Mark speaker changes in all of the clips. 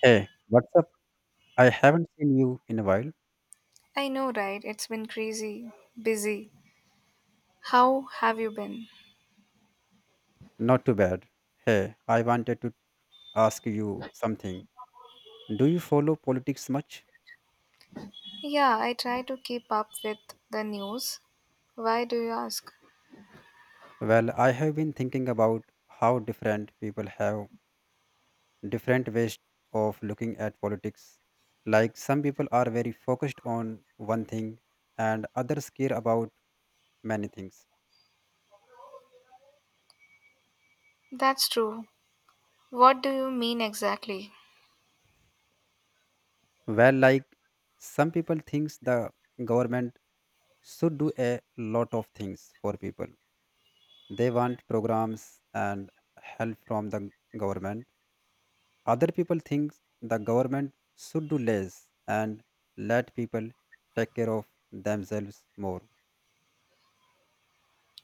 Speaker 1: Hey, what's up? I haven't seen you in a while.
Speaker 2: I know, right? It's been crazy, busy. How have you been?
Speaker 1: Not too bad. Hey, I wanted to ask you something. Do you follow politics much?
Speaker 2: Yeah, I try to keep up with the news. Why do you ask?
Speaker 1: Well, I have been thinking about how different people have different ways of looking at politics. Like, some people are very focused on one thing and others care about many things.
Speaker 2: That's true. What do you mean exactly?
Speaker 1: Well, like, some people thinks the government should do a lot of things for people. They want programs and help from the government. Other people think the government should do less and let people take care of themselves more.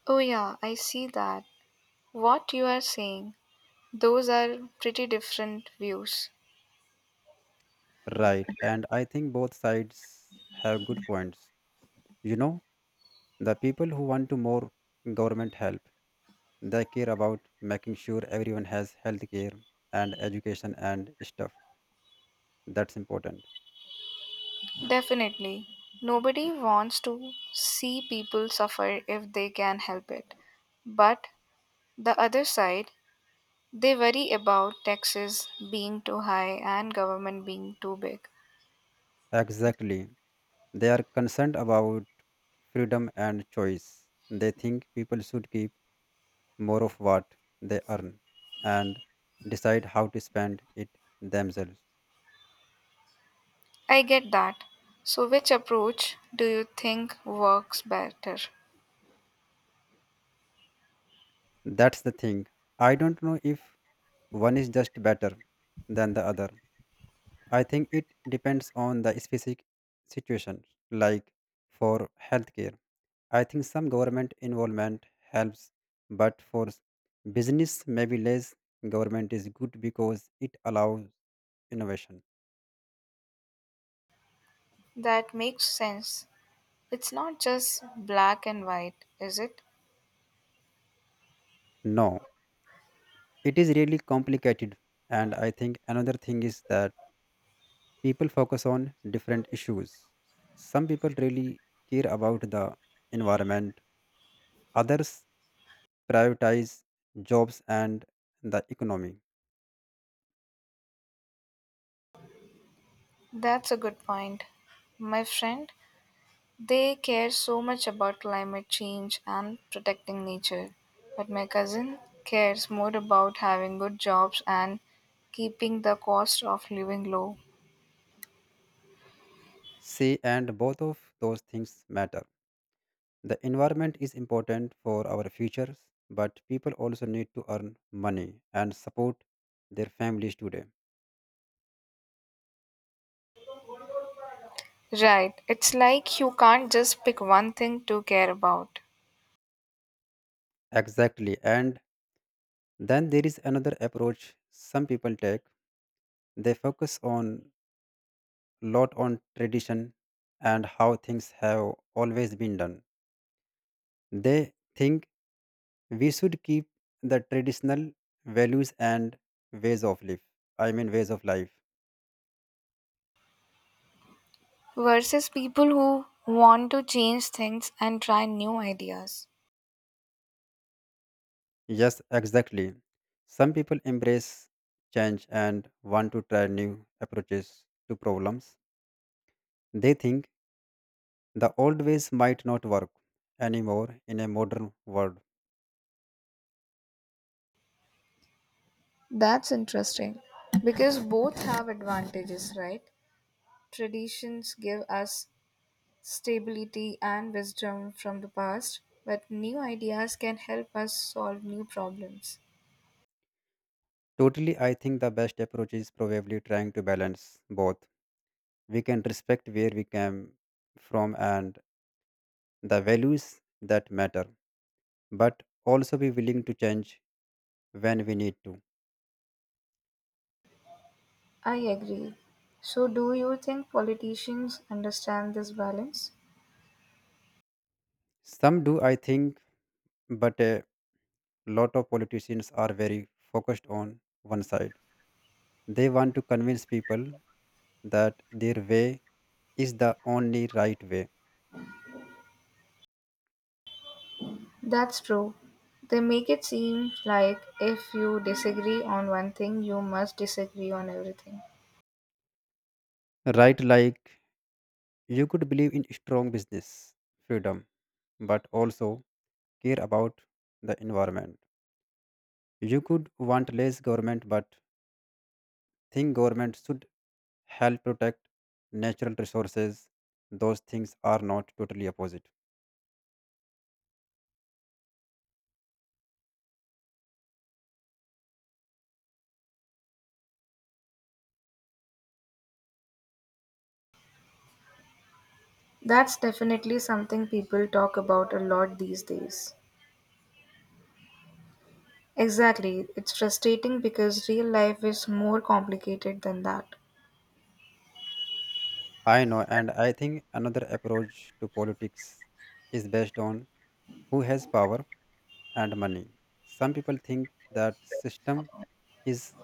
Speaker 2: Oh, yeah, I see that. What you are saying, those are pretty different views.
Speaker 1: Right, and I think both sides have good points. you know the people who want to more government help, they care about making sure everyone has health care and education and stuff. That's important.
Speaker 2: Definitely. Nobody wants to see people suffer if they can help it. But the other side, they worry about taxes being too high and government being too big.
Speaker 1: Exactly. They are concerned about freedom and choice. They think people should keep more of what they earn and decide how to spend it themselves.
Speaker 2: I get that. So, which approach do you think works better?
Speaker 1: That's the thing. I don't know if one is just better than the other. I think it depends on the specific situation. Like, for healthcare, I think some government involvement helps, but for business, maybe less government is good because it allows innovation.
Speaker 2: That makes sense. It's not just black and white, is it?
Speaker 1: No, it is really complicated. And I think another thing is that people focus on different issues. Some people really care about the environment, others prioritize jobs and the economy.
Speaker 2: That's a good point. My friend, they care so much about climate change and protecting nature, but my cousin cares more about having good jobs and keeping the cost of living low.
Speaker 1: Say, and both of those things matter. The environment is important for our futures, but people also need to earn money and support their families today.
Speaker 2: Right. It's like you can't just pick one thing to care about
Speaker 1: Exactly. And then there is another approach some people take. They focus on lot on tradition and how things have always been done. They think we should keep the traditional values and ways of life. ways of life.
Speaker 2: versus people who want to change things and try new ideas.
Speaker 1: Yes, exactly. Some people embrace change and want to try new approaches to problems. They think the old ways might not work anymore in a modern world.
Speaker 2: That's interesting because both have advantages, right? Traditions give us stability and wisdom from the past, but new ideas can help us solve new problems.
Speaker 1: Totally, I think the best approach is probably trying to balance both. We can respect where we came from and the values that matter, but also be willing to change when we need to.
Speaker 2: I agree. So, do you think politicians understand this balance?
Speaker 1: Some do, I think, but a lot of politicians are very focused on one side. They want to convince people that their way is the only right way.
Speaker 2: That's true. They make it seem like if you disagree on one thing, you must disagree on everything.
Speaker 1: Right, like, you could believe in strong business freedom, but also care about the environment. You could want less government, but think government should help protect natural resources. Those things are not totally opposite.
Speaker 2: That's definitely something people talk about a lot these days. Exactly. It's frustrating because real life is more complicated than that.
Speaker 1: I know, and I think another approach to politics is based on who has power and money. Some people think that system is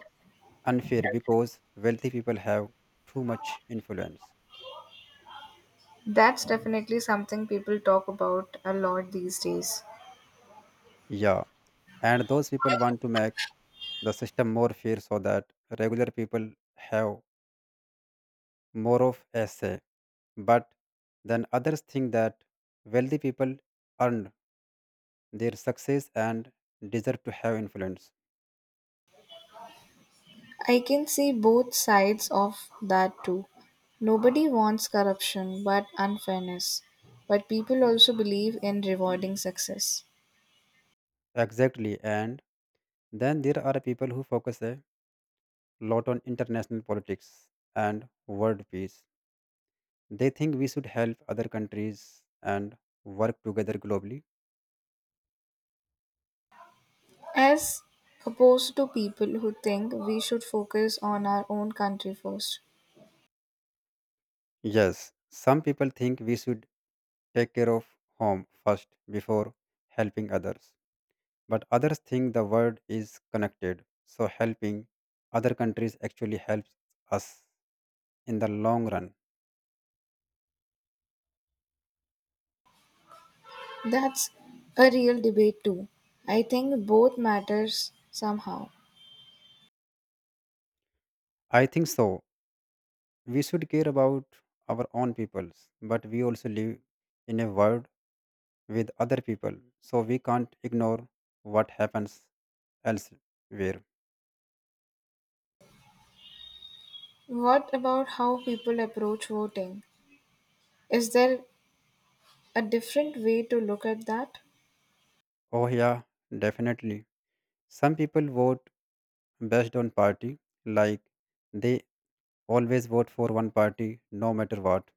Speaker 1: unfair because wealthy people have too much influence.
Speaker 2: That's definitely something people talk about a lot these days.
Speaker 1: Yeah, and those people want to make the system more fair so that regular people have more of a say. But then others think that wealthy people earned their success and deserve to have influence.
Speaker 2: I can see both sides of that too. Nobody wants corruption but unfairness, but people also believe in rewarding success.
Speaker 1: Exactly. And then there are people who focus a lot on international politics and world peace. They think we should help other countries and work together globally.
Speaker 2: As opposed to people who think we should focus on our own country first.
Speaker 1: Yes, some people think we should take care of home first before helping others. But others think the world is connected, so helping other countries actually helps us in the long run.
Speaker 2: That's a real debate too. I think both matters somehow.
Speaker 1: I think so. We should care about our own peoples, but we also live in a world with other people, so we can't ignore what happens elsewhere.
Speaker 2: What about how people approach voting? Is there a different way to look at that?
Speaker 1: Oh, yeah, definitely. Some people vote based on party, like, they always vote for one party no matter what.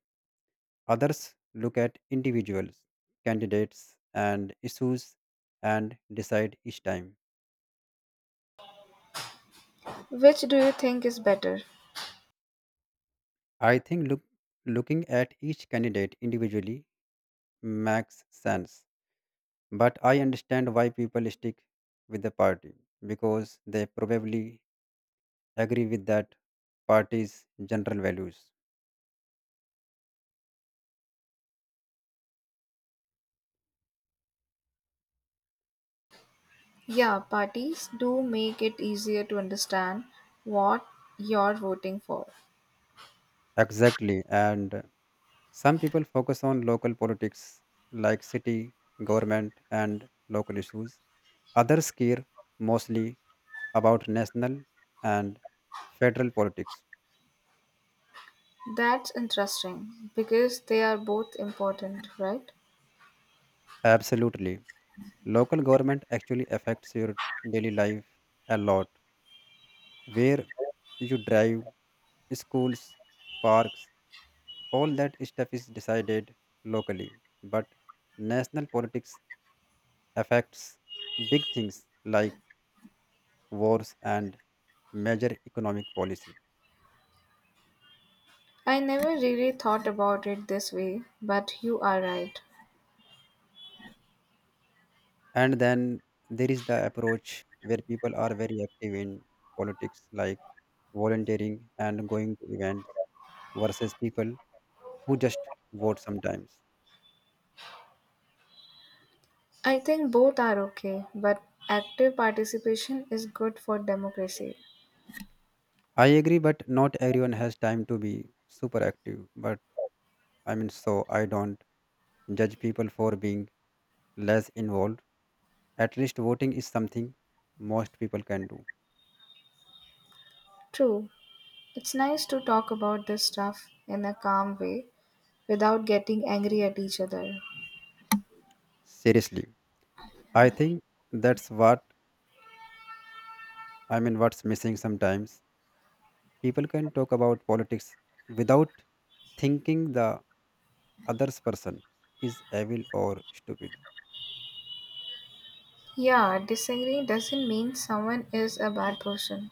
Speaker 1: Others look at individuals, candidates, and issues and decide each time.
Speaker 2: Which do you think is better?
Speaker 1: I think look, Looking at each candidate individually makes sense, but I understand why people stick with the party because they probably agree with that party's general values.
Speaker 2: Yeah, parties do make it easier to understand what you're voting for.
Speaker 1: Exactly, and some people focus on local politics like city, government, and local issues. Others care mostly about national and federal politics.
Speaker 2: That's interesting because they are both important, right?
Speaker 1: Absolutely. Local government actually affects your daily life a lot. Where you drive, schools, parks, all that stuff is decided locally. But national politics affects big things like wars and major economic policy.
Speaker 2: I never really thought about it this way, but you are right.
Speaker 1: And then there is the approach where people are very active in politics, like, volunteering and going to events, versus people who just vote sometimes.
Speaker 2: I think both are okay, but active participation is good for democracy.
Speaker 1: I agree, but not everyone has time to be super active. So I don't judge people for being less involved. At least voting is something most people can do.
Speaker 2: True, it's nice to talk about this stuff in a calm way without getting angry at each other.
Speaker 1: Seriously, I think that's what I mean, what's missing sometimes. People can talk about politics without thinking the other person is evil or stupid.
Speaker 2: Yeah, disagreeing doesn't mean someone is a bad person.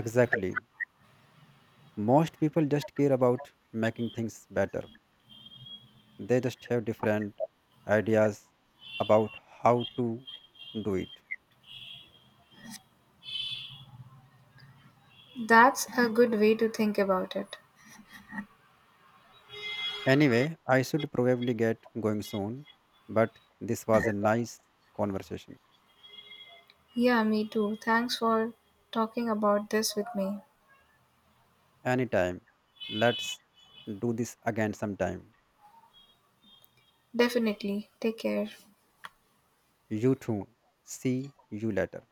Speaker 1: Exactly. Most people just care about making things better. They just have different ideas about how to do it.
Speaker 2: That's a good way to think about it.
Speaker 1: Anyway, I should probably get going soon, but this was a nice conversation.
Speaker 2: Yeah, me too. Thanks for talking about this with me.
Speaker 1: Anytime. Let's do this again sometime.
Speaker 2: Definitely. Take care.
Speaker 1: You too. See you later.